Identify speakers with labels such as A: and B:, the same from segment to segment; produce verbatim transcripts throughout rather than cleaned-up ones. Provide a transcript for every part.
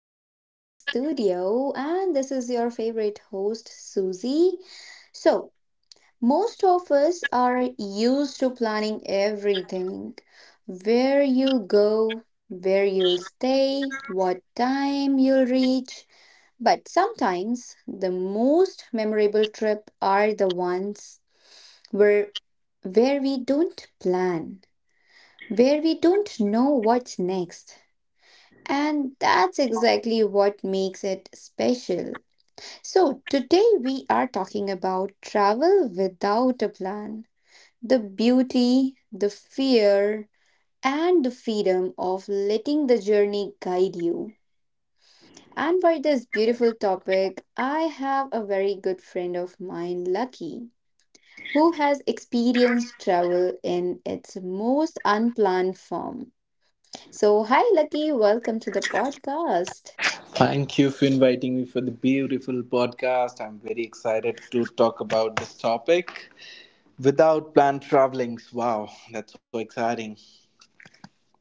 A: Explorer Studio, and this is your favorite host, Susie. So, most of us are used to planning everything, where you go, where you'll stay, what time you'll reach. But sometimes the most memorable trip are the ones where where we don't plan, where we don't know what's next, and that's exactly what makes it special. So, today we are talking about travel without a plan, the beauty, the fear, and the freedom of letting the journey guide you. And for this beautiful topic, I have a very good friend of mine, Lucky, who has experienced travel in its most unplanned form. So, hi, Lucky, welcome to the podcast.
B: Thank you for inviting me for the beautiful podcast. I'm very excited to talk about this topic. Without planned travelings, wow, that's so exciting.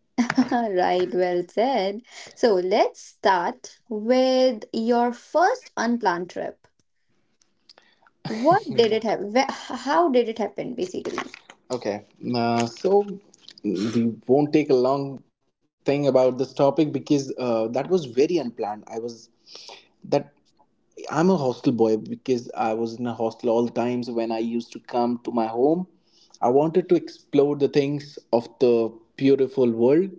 A: Right, well said. So let's start with your first unplanned trip. What did it happen? How did it happen, basically?
B: Okay, uh, so we won't take a long thing about this topic because uh, that was very unplanned. I was that I'm a hostel boy because I was in a hostel all the times when I used to come to my home. I wanted to explore the things of the beautiful world.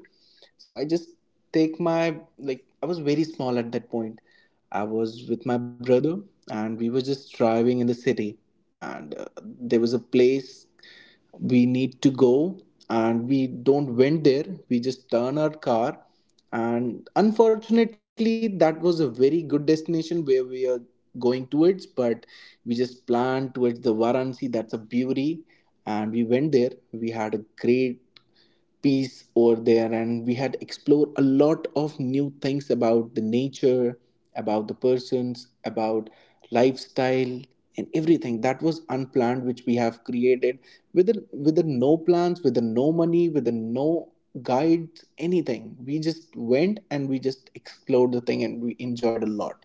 B: So I just take my like I was very small at that point. I was with my brother, and we were just driving in the city, and uh, there was a place we need to go, and we don't went there, we just turn our car. And unfortunately that was a very good destination where we are going towards, but we just planned towards the Varanasi, that's a beauty. And we went there, we had a great peace over there, and we had explored a lot of new things about the nature, about the persons, about lifestyle, and everything that was unplanned, which we have created with a, with a no plans, with a no money, with a no guides, anything. We just went, and we just explored the thing, and we enjoyed a lot.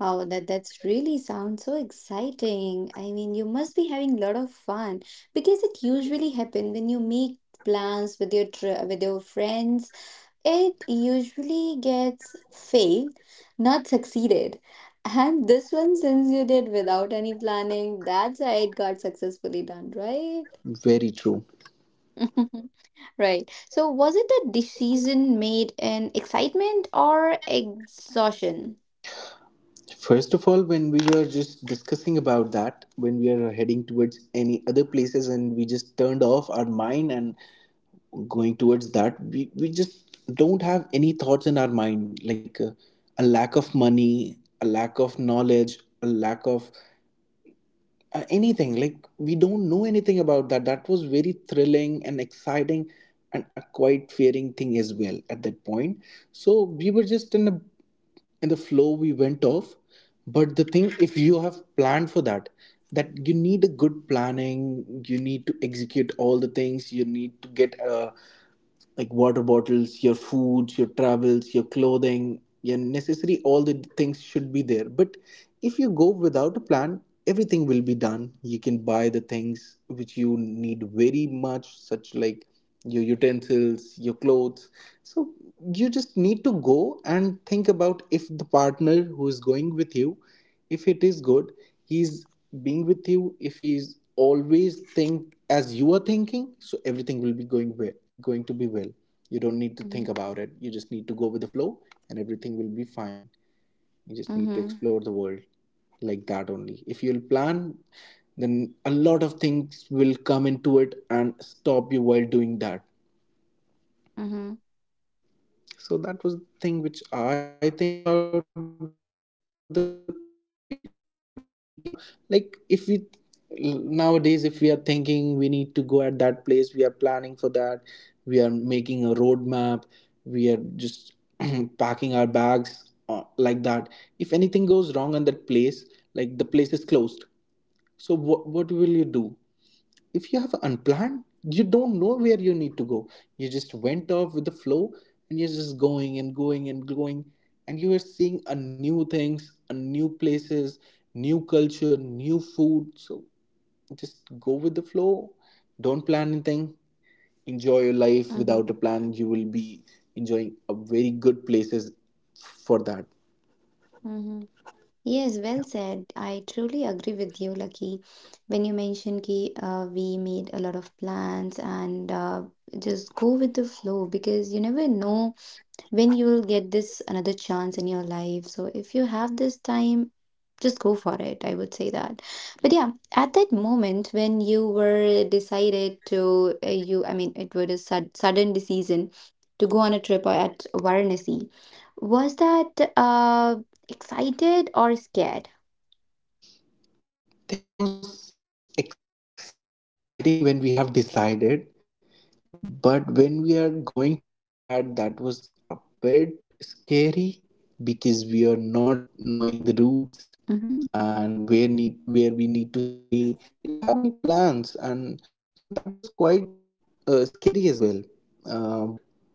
A: Wow, that that's really sounds so exciting. I mean, you must be having a lot of fun because it usually happen when you make plans with your tri with your friends. It usually gets failed, not succeeded. And this one, since you did without any planning, that's why it got successfully done, right?
B: Very true.
A: Right. So, was it a decision made in excitement or exhaustion?
B: First of all, when we were just discussing about that, when we are heading towards any other places and we just turned off our mind and going towards that, we, we just don't have any thoughts in our mind, like uh, a lack of money, a lack of knowledge, a lack of uh, anything, like we don't know anything about that. That was very thrilling and exciting, and a quite fearing thing as well at that point. So we were just in a in the flow, we went off. But the thing, if you have planned for that, that you need a good planning, you need to execute all the things, you need to get a, like, water bottles, your foods, your travels, your clothing, your necessary, all the things should be there. But if you go without a plan, everything will be done. You can buy the things which you need very much, such like your utensils, your clothes. So you just need to go and think about, if the partner who is going with you, if it is good, he's being with you, if he's always think as you are thinking, so everything will be going well, going to be well. You don't need to think
A: Mm-hmm.
B: about it. You just need to go with the flow, and everything will be fine. You just need to
A: Mm-hmm.
B: explore the world, like that only. If you'll plan, then a lot of things will come into it and stop you while doing that.
A: Mm-hmm.
B: So that was the thing which I think about. The thing, if you are thinking a lot of, like, if we nowadays, if we are thinking we need to go at that place, we are planning for that, we are making a roadmap, we are just packing our bags, uh, like that, if anything goes wrong on that place, like the place is closed, so what what will you do? If you have unplanned, you don't know where you need to go, you just went off with the flow, and you're just going and going and going, and you are seeing a new things, a new places, new culture, new food. So just go with the flow, don't plan anything, enjoy your life.
A: Mm-hmm.
B: Without a plan you will be enjoying a very good places for that.
A: Mm-hmm. Yes, well
B: Yeah.
A: said. I truly agree with you, Lucky. When you mentioned ki uh, we made a lot of plans and, uh, just go with the flow because you never know when you will get this another chance in your life. So if you have this time, just go for it. I would say that. But yeah, at that moment when you were decided to uh, you, I mean, it was a sud- sudden decision to go on a trip at Varanasi. Was that uh, excited or scared?
B: That was exciting when we have decided, but when we are going towards that, that was a bit scary because we are not knowing the routes,
A: Mm-hmm.
B: and where need where we need to stay, we don't have any plans. And so that was quite uh, scary as well. Uh, but when you are getting into it,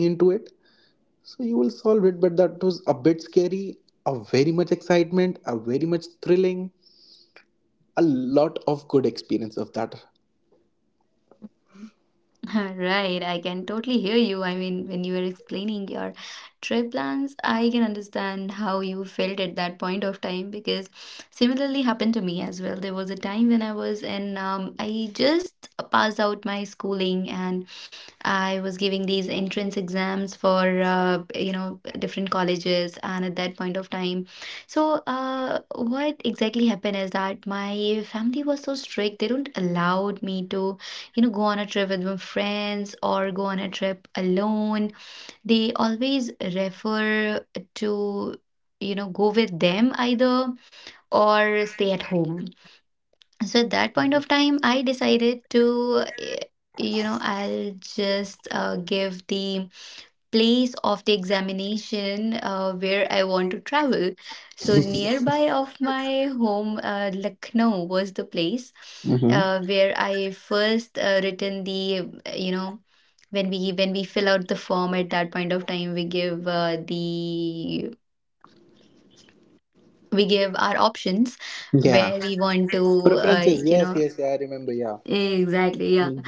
B: so you will solve it, but that was a bit scary, a very much excitement, a very much thrilling, a lot of good experience of that.
A: Right, I can totally hear you. I mean, when you were explaining your trip plans, I can understand how you felt at that point of time because similarly happened to me as well. There was a time when I was in, um, I just passed out my schooling and I was giving these entrance exams for uh, you know, different colleges, and at that point of time, so uh, what exactly happened is that my family was so strict; they don't allowed me to, you know, go on a trip with my friends or go on a trip alone. They always refer to, you know, go with them either or stay at home. So at that point of time I decided to eh, you know, I'll just uh, give the place of the examination uh, where I want to travel. So nearby of my home, uh, Lucknow was the place uh,
B: Mm-hmm.
A: where I first uh, written the, uh, you know, when we when we fill out the form at that point of time, we give, uh, the we give our options where we
B: Yeah.
A: want to, uh, you know.
B: Preferences, yes, yes, yeah, I remember, yeah.
A: Exactly, yeah.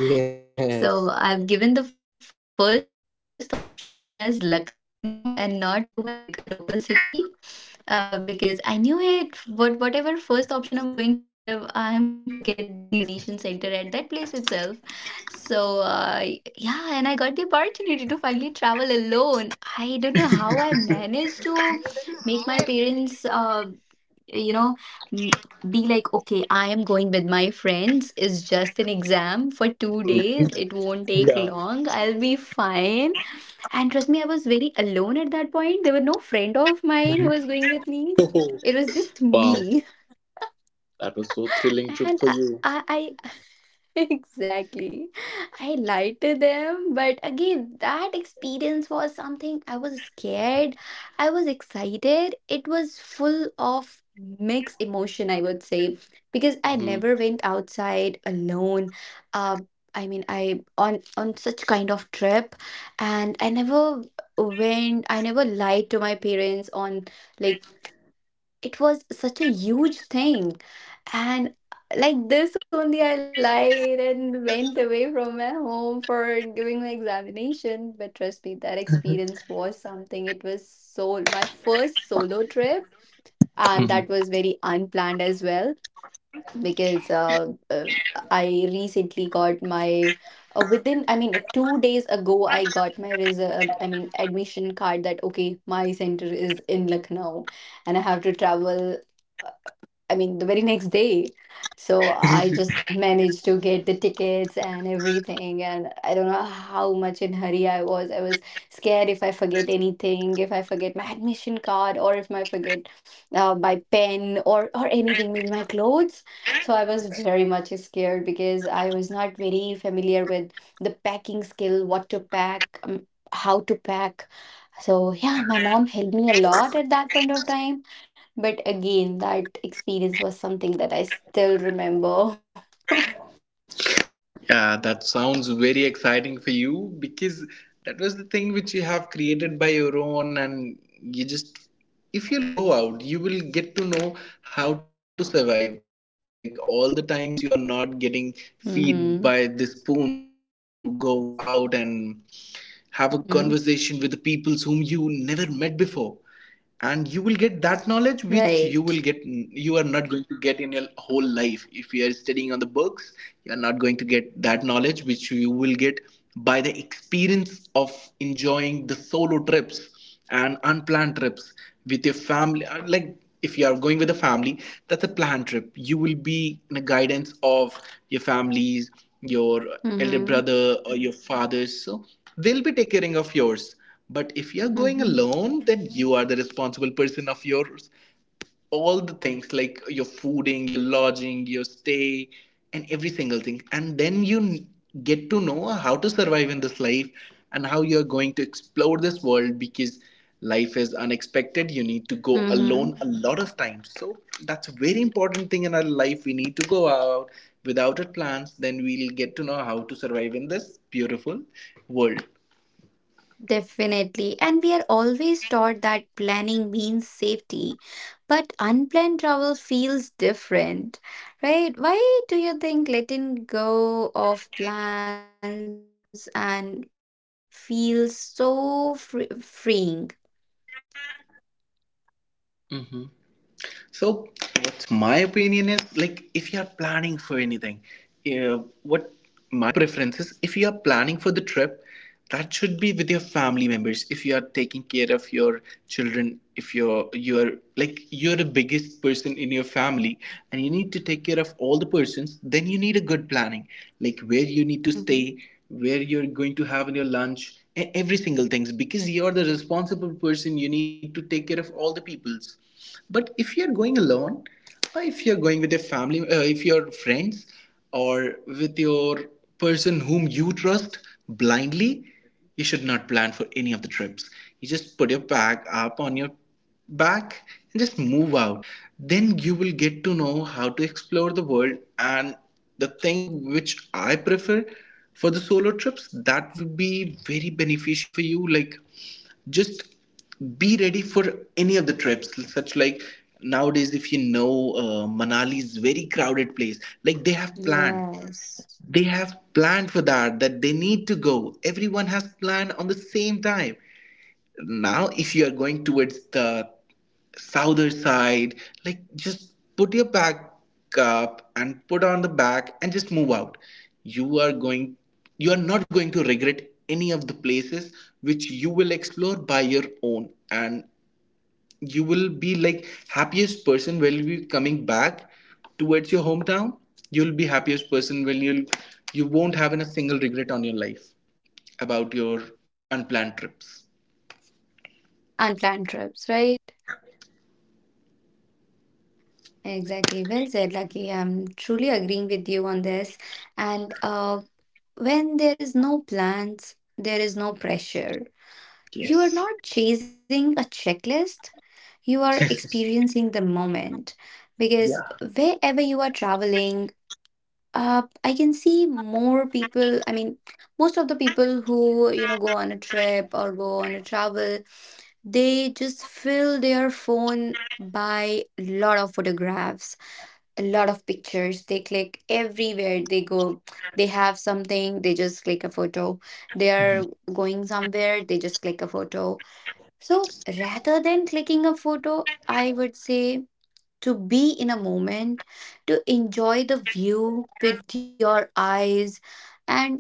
A: So
B: Yes.
A: I've given the first option as Lucknow and not to my lic- local city, uh, because I knew it. But whatever first option I'm going to give, I'm going to get the uh, examination center at that place itself. So uh, yeah, and I got the opportunity to finally travel alone. I don't know how I managed to make my parents. Uh, you know, m- be like, okay, I am going with my friends, it's just an exam for
B: Mhm.
A: two days, it
B: Yeah.
A: won't take long, I'll be fine. And trust me, I was very alone at that point. There were no friend of mine who was going with me.
B: Oh,
A: It was just
B: wow,
A: me
B: that was so thrilling trip for
A: and I,
B: you.
A: I, I Exactly. I lied to them, but again, that experience was something. I was scared, I was excited. It was full of mixed emotion, I would say, because I
B: Mhm.
A: never went outside alone. Um, I mean, I, on on such kind of trip, and I never went. I never lied to my parents on, like, it was such a huge thing, and like this only I lied and went away from my home for giving my examination. But trust me, that experience was something. It was so my first solo trip, and
B: Mhm.
A: that was very unplanned as well because uh, uh, I recently got my, uh, within, I mean, two days ago I got my result, I mean admission card, that okay, my center is in Lucknow and I have to travel. I mean, the very next day. So I just managed to get the tickets and everything. And I don't know how much in hurry I was. I was scared if I forget anything, if I forget my admission card, or if I forget uh, my pen, or or anything, maybe my clothes. So I was very much scared because I was not very familiar with the packing skill, what to pack, um, how to pack. So yeah, my mom helped me a lot at that point of time, but again, that experience was something that I still remember.
B: Yeah, that sounds very exciting for you, because that was the thing which you have created by your own, and you just, if you'll go out, you will get to know how to survive. Like all the times you are not getting
A: Mm-hmm.
B: feed by the spoons, you need to go out and have
A: Hmm.
B: a conversation with the peoples whom you never met before, and you will get that knowledge which
A: Right.
B: you will get you are not going to get in your whole life if you are studying on the books. You are not going to get that knowledge which you will get by the experience of enjoying the solo trips and unplanned trips with your family. Uh, like if you are going with a family, that's a planned trip, you will be in a guidance of your families, your elder
A: Mm-hmm.
B: brother, or your father, so they'll be taking care of yours. But if you're
A: Mm-hmm.
B: going alone, then you are the responsible person of yours. All the things like your fooding, your lodging, your stay, and every single thing. And then you n- get to know how to survive in this life and how you're going to explore this world, because life is unexpected. You need to go
A: Mm-hmm.
B: alone a lot of times. So that's a very important thing in our life. We need to go out without our plans, then we'll get to know how to survive in this beautiful world.
A: Definitely. And we are always taught that planning means safety, but unplanned travel feels different, right? Why do you think letting go of plans and feels so free- freeing?
B: Mm-hmm. So, what's my opinion is, like, if you are planning for anything, uh, what my preference is, if you are planning for the trip, that should be with your family members. If you are taking care of your children, if you're you're like you're the biggest person in your family and you need to take care of all the persons, then you need a good planning, like where you need to
A: Mm-hmm.
B: stay, where you're going to have in your lunch, e- every single things, because you're the responsible person, you need to take care of all the peoples. But if you're going alone, or if you're going with your family, uh, if your friends, or with your person whom you trust blindly, you should not plan for any of the trips. You just put your bag up on your back and just move out. Then you will get to know how to explore the world. And the thing which I prefer for the solo trips, that would be very beneficial for you, like just be ready for any of the trips, such like nowadays, if you know, uh, Manali is very crowded place, like they have planned
A: Yes.
B: they have planned for that, that they need to go, everyone has planned on the same time. Now, if you are going towards the southern side, like just put your back up and put on the back and just move out. you are going you are not going to regret any of the places which you will explore by your own. And you will be like happiest person when you coming back towards your hometown. You'll be happiest person when you'll you won't have a single regret on your life about your unplanned trips.
A: Unplanned trips, right? Exactly. Well said, Lucky. I'm truly agreeing with you on this. And uh, when there is no plans, there is no pressure. You are
B: Yes.
A: not chasing a checklist, you are experiencing the moment. Because wherever you are traveling, uh, I can see more people. I mean, most of the people who, you know, go on a trip or go on a travel, they just fill their phone by a lot of photographs, a lot of pictures. They click everywhere they go. They have something, they just click a photo. They are going somewhere, they just click a photo. So rather than clicking a photo, I would say to be in a moment, to enjoy the view with your eyes, and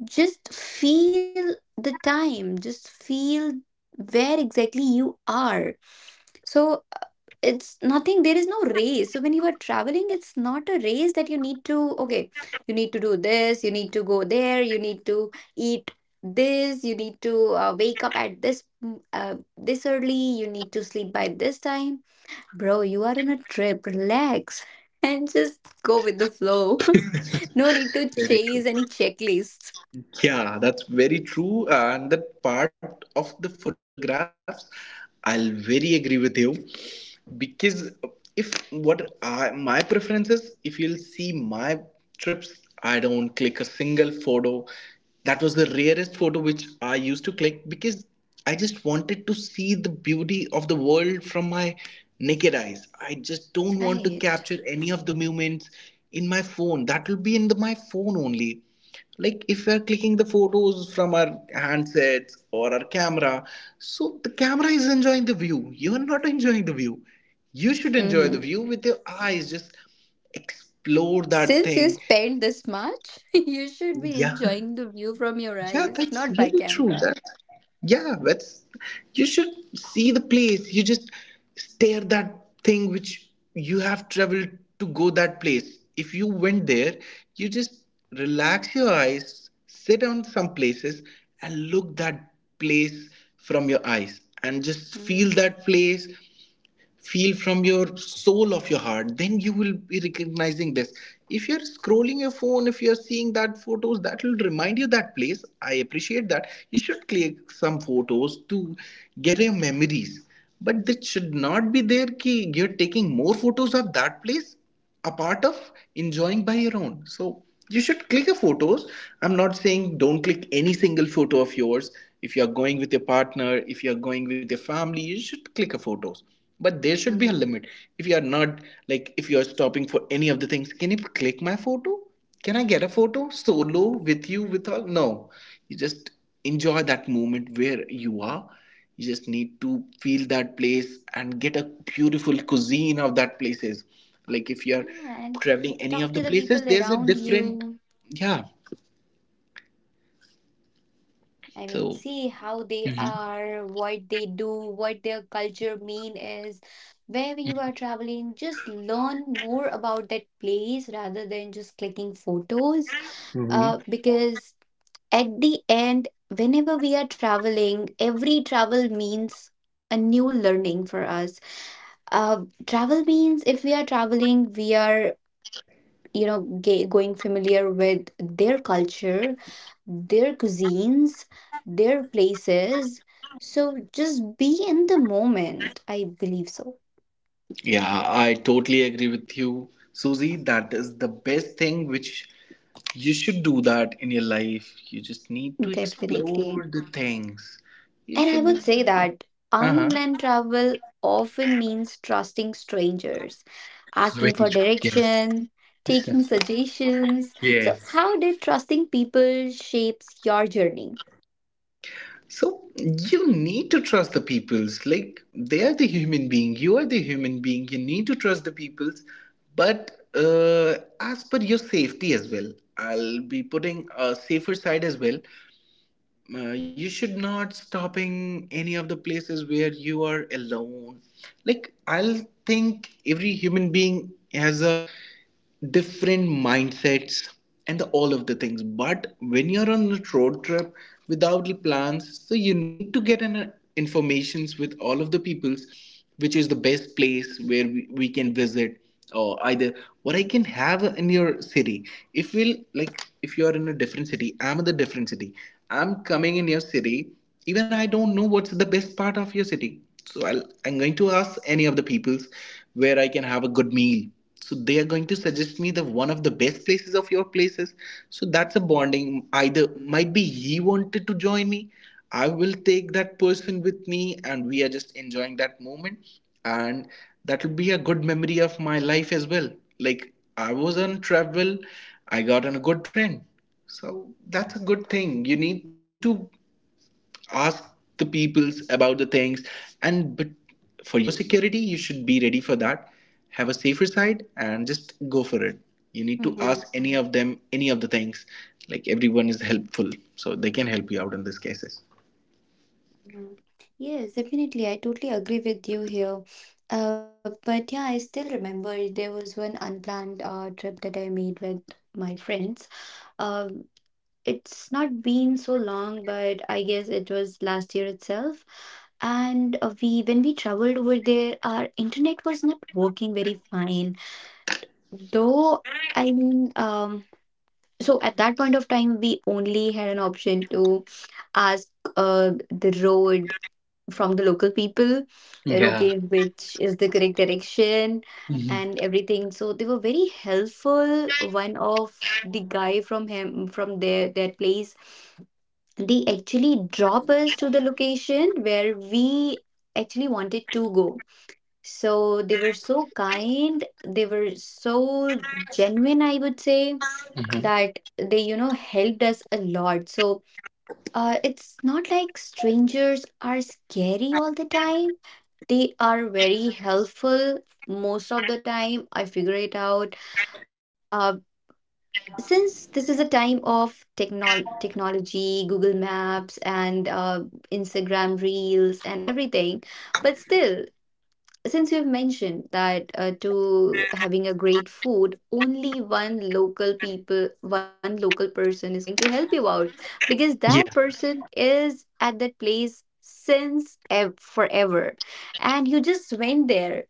A: just feel the time, just feel where exactly you are. So it's nothing, there is no race. So when you are traveling, it's not a race that you need to, okay, you need to do this, you need to go there, you need to eat this, you need to, uh, wake up at this mm, uh, this early, you need to sleep by this time. Bro, you are on a trip. Relax and just go with the flow. No need to
B: Very true.
A: chase any checklists.
B: Yeah, that's very true. And that part of the photographs, I'll very agree with you. Because if what I, my preference is, if you'll see my trips, I don't click a single photo. That was the rarest photo which I used to click, because I just wanted to see the beauty of the world from my naked eyes. I just don't want to
A: Right.
B: capture any of the moments in my phone. That will be in the, my phone only, like if we are clicking the photos from our handsets or our camera, so the camera is enjoying the view, you are not enjoying the view, you should enjoy the
A: Mm-hmm.
B: view with your eyes, just explore that
A: Since you
B: thing.
A: spent this much, you should be
B: Yeah.
A: enjoying the view from your
B: Yeah,
A: eyes,
B: that's
A: not by
B: very true.
A: camera.
B: That Yeah, that's you should see the place. You just stare that thing which you have traveled to go that place. If you went there, you just relax your eyes, sit on some places and look that place from your eyes and just feel
A: Mm-hmm.
B: that place, feel from your soul of your heart, then you will be recognizing this. If you're scrolling your phone, if you're seeing that photos, that will remind you that place. I appreciate that you should click some photos to get your memories, but that should not be there ki you're taking more photos of that place a part of enjoying by your own. So you should click a photos. I'm not saying don't click any single photo of yours. If you are going with your partner, if you are going with your family, you should click a photos, but there should be a
A: Mm-hmm.
B: limit. If you are not, like if you are stopping for any of the things, can you click my photo, can I get a photo solo with you with all? No, you just enjoy that moment where you are. You just need to feel that place and get a beautiful cuisine of that places. Like if you're
A: Yeah, and
B: traveling any
A: talk
B: of the
A: to the
B: places,
A: people
B: there's a
A: around
B: different.
A: you.
B: Yeah.
A: I mean,
B: So
A: see how they
B: Mhm.
A: are, what they do, what their culture mean is. Wherever you are traveling, just learn more about that place rather than just clicking photos.
B: Hmm.
A: Uh, because at the end, whenever we are traveling, every travel means a new learning for us. Uh, travel means if we are traveling, we are, you know, ga going familiar with their culture, their cuisines, their places. So just be in the moment, I believe so.
B: Yeah, I totally agree with you, Susie. That is the best thing which you should do that in your life. You just need to
A: Definitely.
B: explore the things. You
A: And I would
B: should.
A: say that
B: Uh huh.
A: unplanned travel often means trusting strangers, asking for
B: Yes.
A: direction, taking suggestions. So
B: Yes.
A: how did trusting people shapes your journey?
B: So you need to trust the peoples. Like they are the human being. You are the human being. You need to trust the peoples. But uh, as per your safety as well, I'll be putting a safer side as well. Uh, you should not stopping any of the places where you are alone. Like I'll think every human being has a different mindsets and the- all of the things. But when you're on a road trip without the plans, so you need to get an uh, informations with all of the peoples which is the best place where we, we can visit, or either what I can have in your city. If we'll, like if you're in a different city, I'm in the different city, I'm coming in your city, even I don't know what's the best part of your city. So I'll, I'm going to ask any of the peoples where I can have a good meal. So they are going to suggest me the one of the best places of your places. So that's a bonding, either might be he wanted to join me, I will take that person with me and we are just enjoying that moment. And that will be a good memory of my life as well. Like I was on travel, I got on a good friend. So that's a good thing. You need to ask the peoples about the things. And but for your security you should be ready for that. Have a safer side and just go for it. You need to ask any of them any of the things. Like everyone is helpful, so they can help you out in these cases.
A: Mm. Yes, definitely. I totally agree with you here. Uh, but yeah, I still remember there was one unplanned uh, trip that I made with my friends. Um, it's not been so long, but I guess it was last year itself. And uh, we, when we traveled over there, our internet was not working very fine. Though, I mean, um, so at that point of time, we only had an option to ask uh, the road from the local people that
B: Yeah.
A: okay, which is the correct direction and everything. So they were very helpful. One of the guy from him from their their place, they actually drop us to the location where we actually wanted to go. So they were so kind, they were so genuine, I would say,
B: Mhm.
A: that they, you know, helped us a lot. So uh, it's not like strangers are scary all the time, they are very helpful most of the time. I figure it out. Uh, since this is a time of technol technology, Google Maps, and uh, Instagram Reels, and everything, but still, since you've mentioned that uh, to having a great food, only one local people, one local person is going to help you out because
B: Yeah.
A: that person is at that place since ev- forever, and you just went there.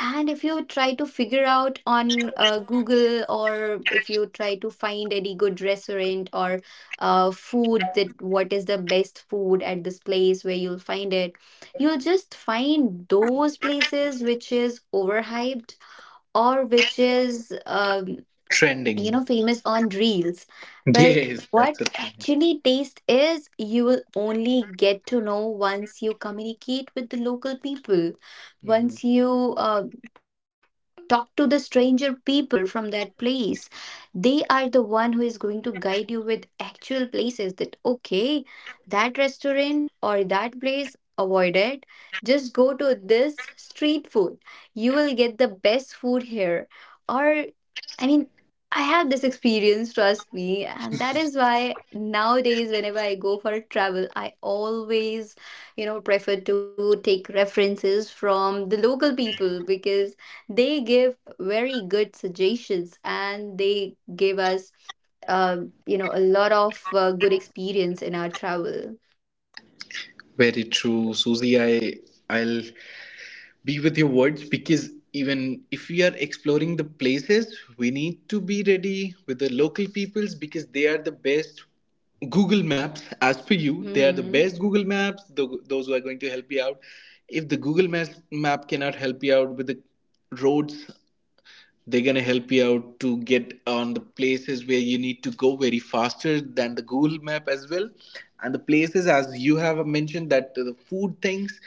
A: And if you try to figure out on uh, Google, or if you try to find any good restaurant or uh, food, that what is the best food at this place, where you'll find it, you'll just find those places which is overhyped, or which is um, you
B: Trending.
A: know, famous on reels. But
B: Yes,
A: what
B: that's a trending.
A: actually taste is, you will only get to know once you communicate with the local people, once you uh, talk to the stranger people from that place. They are the one who is going to guide you with actual places that okay, that restaurant or that place, avoid it, just go to this street food, you will get the best food here. Or I mean, I had this experience, trust me, and that is why nowadays, whenever I go for a travel, I always, you know, prefer to take references from the local people, because they give very good suggestions, and they give us, uh, you know, a lot of uh, good experience in our travel.
B: Very true, Susie. I i'll be with your words because even if we are exploring the places, we need to be ready with the local peoples because they are the best Google Maps. As per you, they are the
A: Mm-hmm.
B: best Google Maps, tho- those who are going to help you out. If the Google Maps map cannot help you out with the roads, they're gonna help you out to get on the places where you need to go very faster than the Google Map as well. And the places, as you have mentioned, that the food things,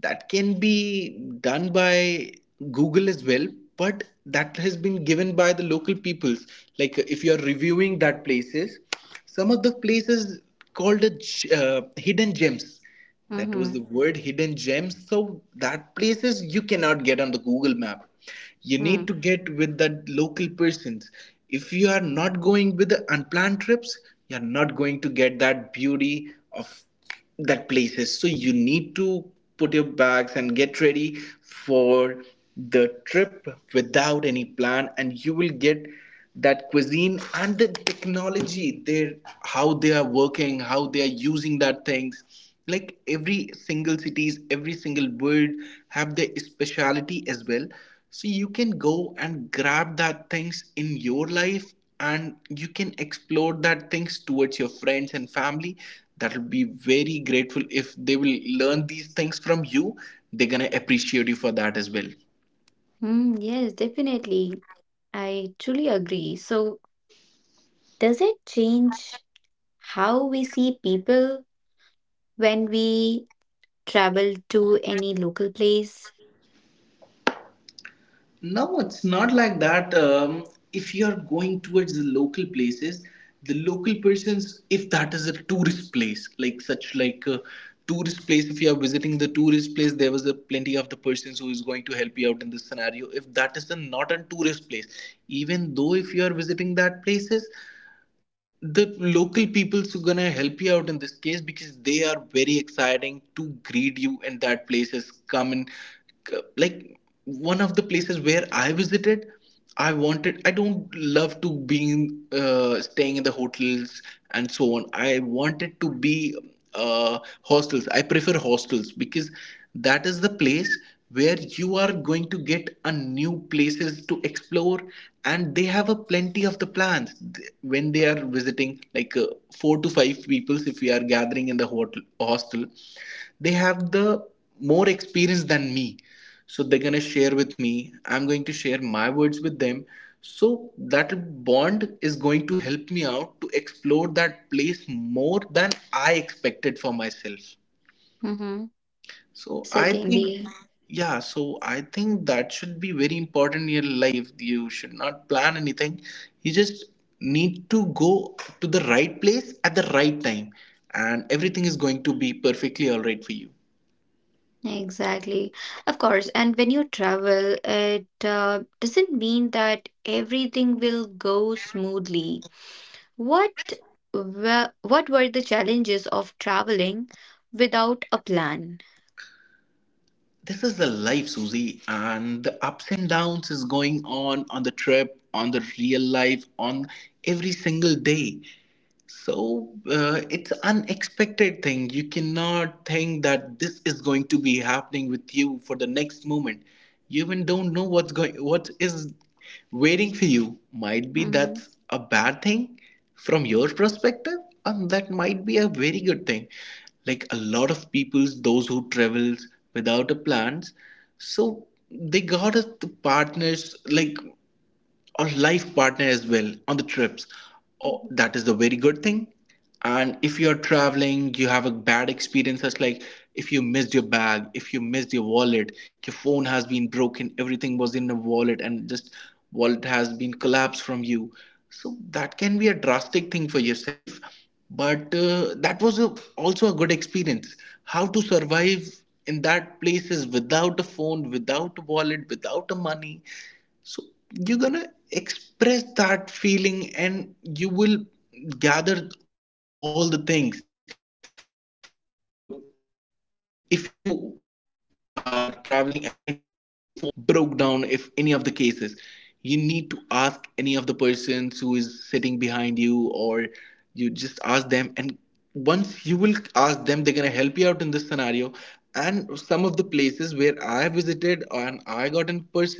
B: that can be done by Google as well, but that has been given by the local peoples. Like if you are reviewing that places, some of the places called the uh, hidden gems, that was the
A: Mm-hmm.
B: word, hidden gems. So that places you cannot get on the Google Map, you need to
A: Mm.
B: get with the local persons. If you are not going with the unplanned trips, you're not going to get that beauty of that places. So you need to put your bags and get ready for the trip without any plan, and you will get that cuisine and the technology, they how they are working, how they are using that things. Like every single cities, every single word, have their speciality as well. So you can go and grab that things in your life, and you can explore that things towards your friends and family. That will be very grateful if they will learn these things from you. They're gonna appreciate you for that as well.
A: Mm, yes, definitely. I truly agree. So, does it change how we see people when we travel to any local place?
B: No, it's not like that. Um, if you're going towards the local places, the local persons, if that is a tourist place, like such like a tourist place, if you are visiting the tourist place, there was a plenty of the persons who is going to help you out in this scenario. If that is a, not a tourist place, even though if you are visiting that places, the local peoples who gonna help you out in this case because they are very exciting to greet you and that place is common. Like one of the places where I visited, I wanted, I don't love to being uh, staying in the hotels and so on. I wanted to be uh, hostels. I prefer hostels because that is the place where you are going to get a new places to explore, and they have a plenty of the plans. Th- when they are visiting, like uh, four to five peoples, if we are gathering in the hot- hostel, they have the more experience than me, so they're gonna share with me, I'm going to share my words with them. So that bond is going to help me out to explore that place more than I expected for myself.
A: Mm-hmm.
B: So I think,
A: Certainly.
B: yeah, so I think that should be very important in your life. You should not plan anything. You just need to go to the right place at the right time, and everything is going to be perfectly all right for you.
A: Exactly. Of course. And when you travel, it uh, doesn't mean that everything will go smoothly. What were, what were the challenges of traveling without a plan?
B: This is the life, Susie, and the ups and downs is going on on the trip, on the real life, on every single day. So uh, it's unexpected thing. You cannot think that this is going to be happening with you for the next moment. You even don't know what's going, what is waiting for you. Might be
A: Mm-hmm.
B: that's a bad thing from your perspective, and that might be a very good thing. Like a lot of people's, those who travels without a plans, so they got us the partners, like or life partner as well on the trips. Oh,
A: Mm-hmm.
B: that is the very good thing. And if you're traveling, you have a bad experience, such like if you missed your bag, if you missed your wallet, your phone has been broken, everything was in the wallet, and just wallet has been collapsed from you. So that can be a drastic thing for yourself, but uh, that was a, also a good experience. How to survive in that places without a phone, without a wallet, without a money. So you're gonna express that feeling and you will gather all the things. Like uh, if you are traveling at any of the places, your phone just broke down, if any of the cases, you need to ask any of the persons who is sitting behind you or you just ask them. And once you will ask them, they're gonna help you out in this scenario. And some of the places where I have visited, and I got in persons,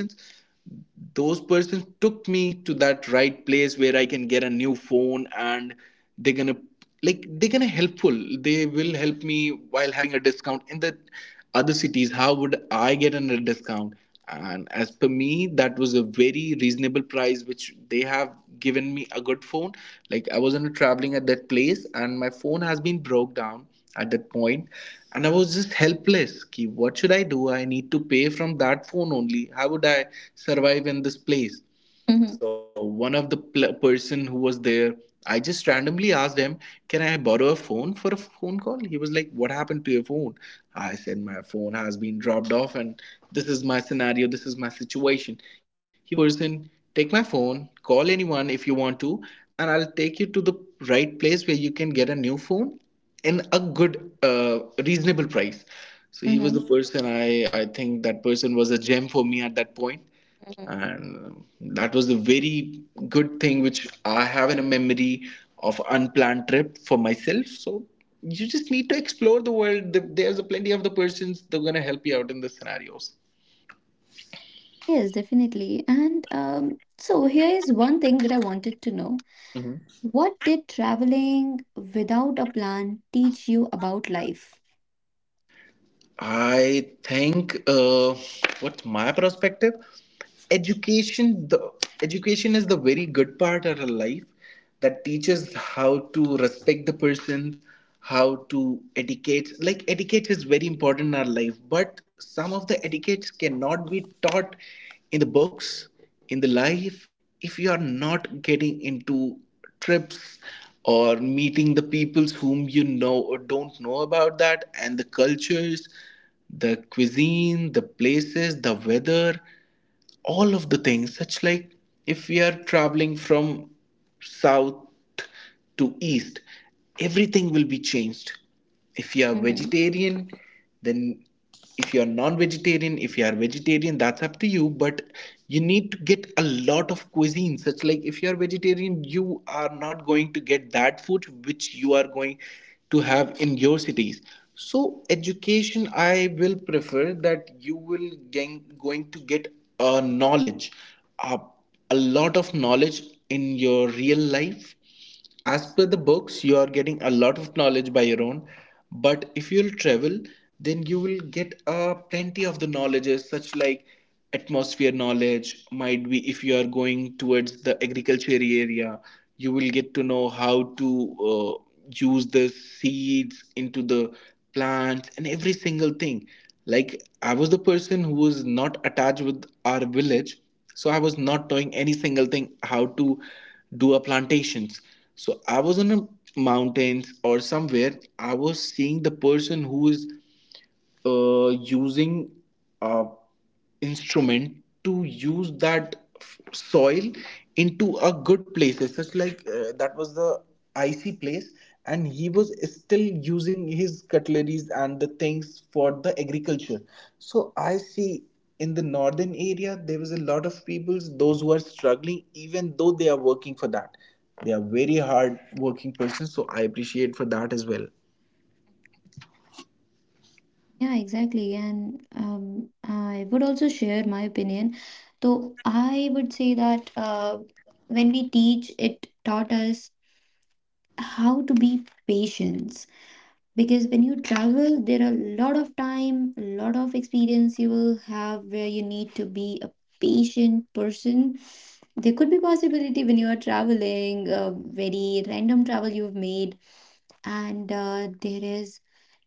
B: those persons took me to that right place where I can get a new phone. And they're gonna, like they're gonna helpful, they will help me while having a discount in the other cities. How would I get a discount? And as per me, that was a very reasonable price which they have given me a good phone. Like I wasn't traveling at that place and my phone has been broke down at that point, and I was just helpless ki what should I do, I need to pay from that phone only, how would I survive in this place. So one of the pl- person who was there, I just randomly asked him, "Can I borrow a phone for a phone call?" He was like, "What happened to your phone?" I said, "My phone has been dropped off, and this is my scenario. This is my situation." He was the person, "Take my phone, call anyone if you want to, and I'll take you to the right place where you can get a new phone in a good, uh, reasonable price." So he was
A: Mm-hmm.
B: the person. I I think that person was a gem for me at that point.
A: Mm-hmm.
B: And um, that was the very good thing which I have in a memory of unplanned trip for myself. So you just need to explore the world. There's a plenty of the persons, they're going to help you out in the scenarios.
A: Yes, definitely. And um, so here is one thing that I wanted to know.
B: Mm-hmm.
A: What did traveling without a plan teach you about life?
B: I think uh, what's my perspective? Education, the education is the very good part of our life that teaches how to respect the persons, how to etiquette. Like etiquette is very important in our life, but some of the etiquettes cannot be taught in the books, in the life, if you are not getting into trips or meeting the peoples whom you know or don't know about that, and the cultures, the cuisine, the places, the weather, all of the things. Such like if we are traveling from south to east, everything will be changed. If you are
A: Mm-hmm.
B: vegetarian, then, if you are non-vegetarian, if you are vegetarian, that's up to you. But you need to get a lot of cuisine, such like if you are vegetarian, you are not going to get that food which you are going to have in your cities. So education, I will prefer that you will gain, going to get a knowledge, a, a lot of knowledge in your real life. As per the books, you are getting a lot of knowledge by your own, but if you'll travel, then you will get uh, plenty of the knowledges, such like atmosphere knowledge. Might be if you are going towards the agriculture area, you will get to know how to uh, use the seeds into the plants and every single thing. Like I was the person who was not attached with our village, so I was not knowing any single thing how to do a plantations. So I was in a mountains or somewhere, I was seeing the person who is uh, using a instrument to use that f- soil into a good places, such like uh, that was the icy place, and he was still using his cutleries and the things for the agriculture. So I see in the northern area there was a lot of peoples those who are struggling even though they are working for that. They are very hard working persons, so I appreciate for that as well.
A: Yeah, exactly. And um, I would also share my opinion. So I would say that uh, when we teach, it taught us how to be patient. Because when you travel, there are a lot of time, a lot of experience you will have, where you need to be a patient person. There could be possibility when you are traveling a very random travel you've made, and uh, there is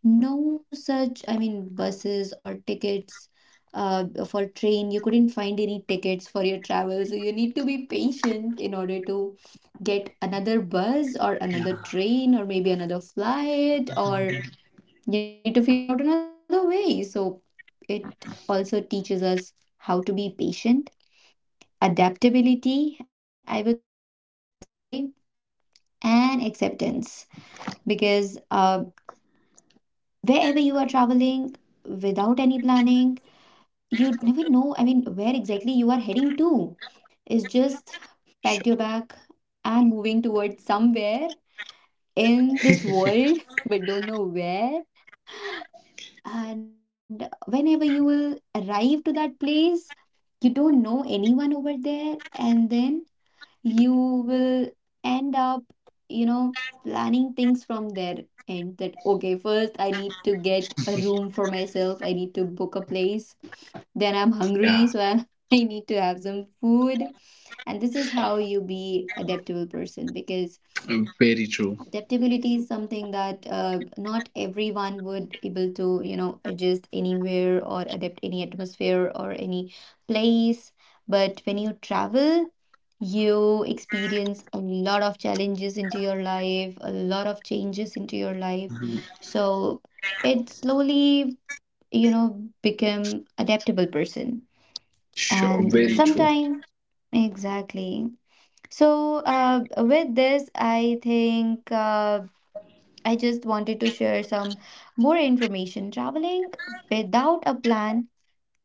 A: no such, I mean, buses or tickets, uh, for train you couldn't find any tickets for your travel, so you need to be patient in order to get another bus, or
B: Yeah,
A: another train, or maybe another flight, or you need to figure out another way. So it also teaches us how to be patient, adaptability I would say, and acceptance. Because uh, wherever you are traveling without any planning, you never know, I mean, where exactly you are heading to. It's
B: sure.
A: just packed your bag and moving towards somewhere in this world, but don't know where. And whenever you will arrive to that place, you don't know anyone over there, and then you will end up, you know, planning things from there, and that okay, first I need to get a room for myself, I need to book a place, then
B: Yeah,
A: I'm hungry, so I, I need to have some food. And this is how you be adaptable person, because
B: very true.
A: adaptability is something that uh, not everyone would able to, you know, adjust anywhere, or adapt any atmosphere or any place. But when you travel, you experience a lot of challenges into your life, a lot of changes into your life, so it slowly, you know, become adaptable person.
B: Sure,
A: And
B: very true.
A: sometime, exactly. So uh, with this I think uh, I just wanted to share some more information. Traveling without a plan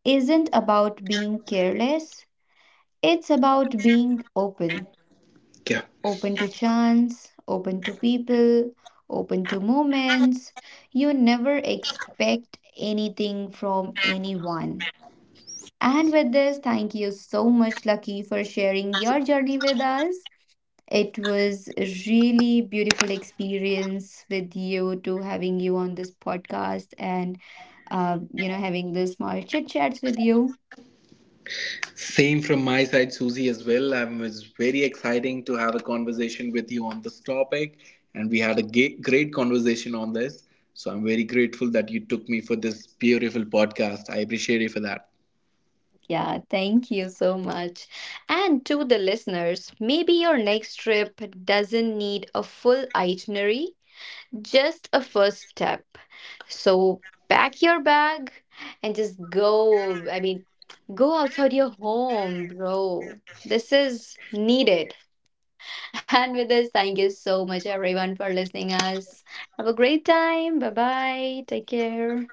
A: isn't about being careless, it's about being open.
B: Yeah.
A: Open to chance, open to people, open to moments. You never expect anything from anyone. And with this, thank you so much, Lucky, for sharing your journey with us. It was a really beautiful experience with you, to having you on this podcast, and uh, you know, having the small chit chats with you.
B: Same from my side, Susie, as well. Um, it's very exciting to have a conversation with you on this topic, and we had a ga- great conversation on this. So I'm very grateful that you took me for this beautiful podcast. I appreciate you for that.
A: Yeah, thank you so much. And to the listeners, maybe your next trip doesn't need a full itinerary. Just a first step. So pack your bag and just go. I mean, go outside your home, bro. This is needed. And with this, thank you so much, everyone, for listening us. Have a great time. Bye bye. Take care.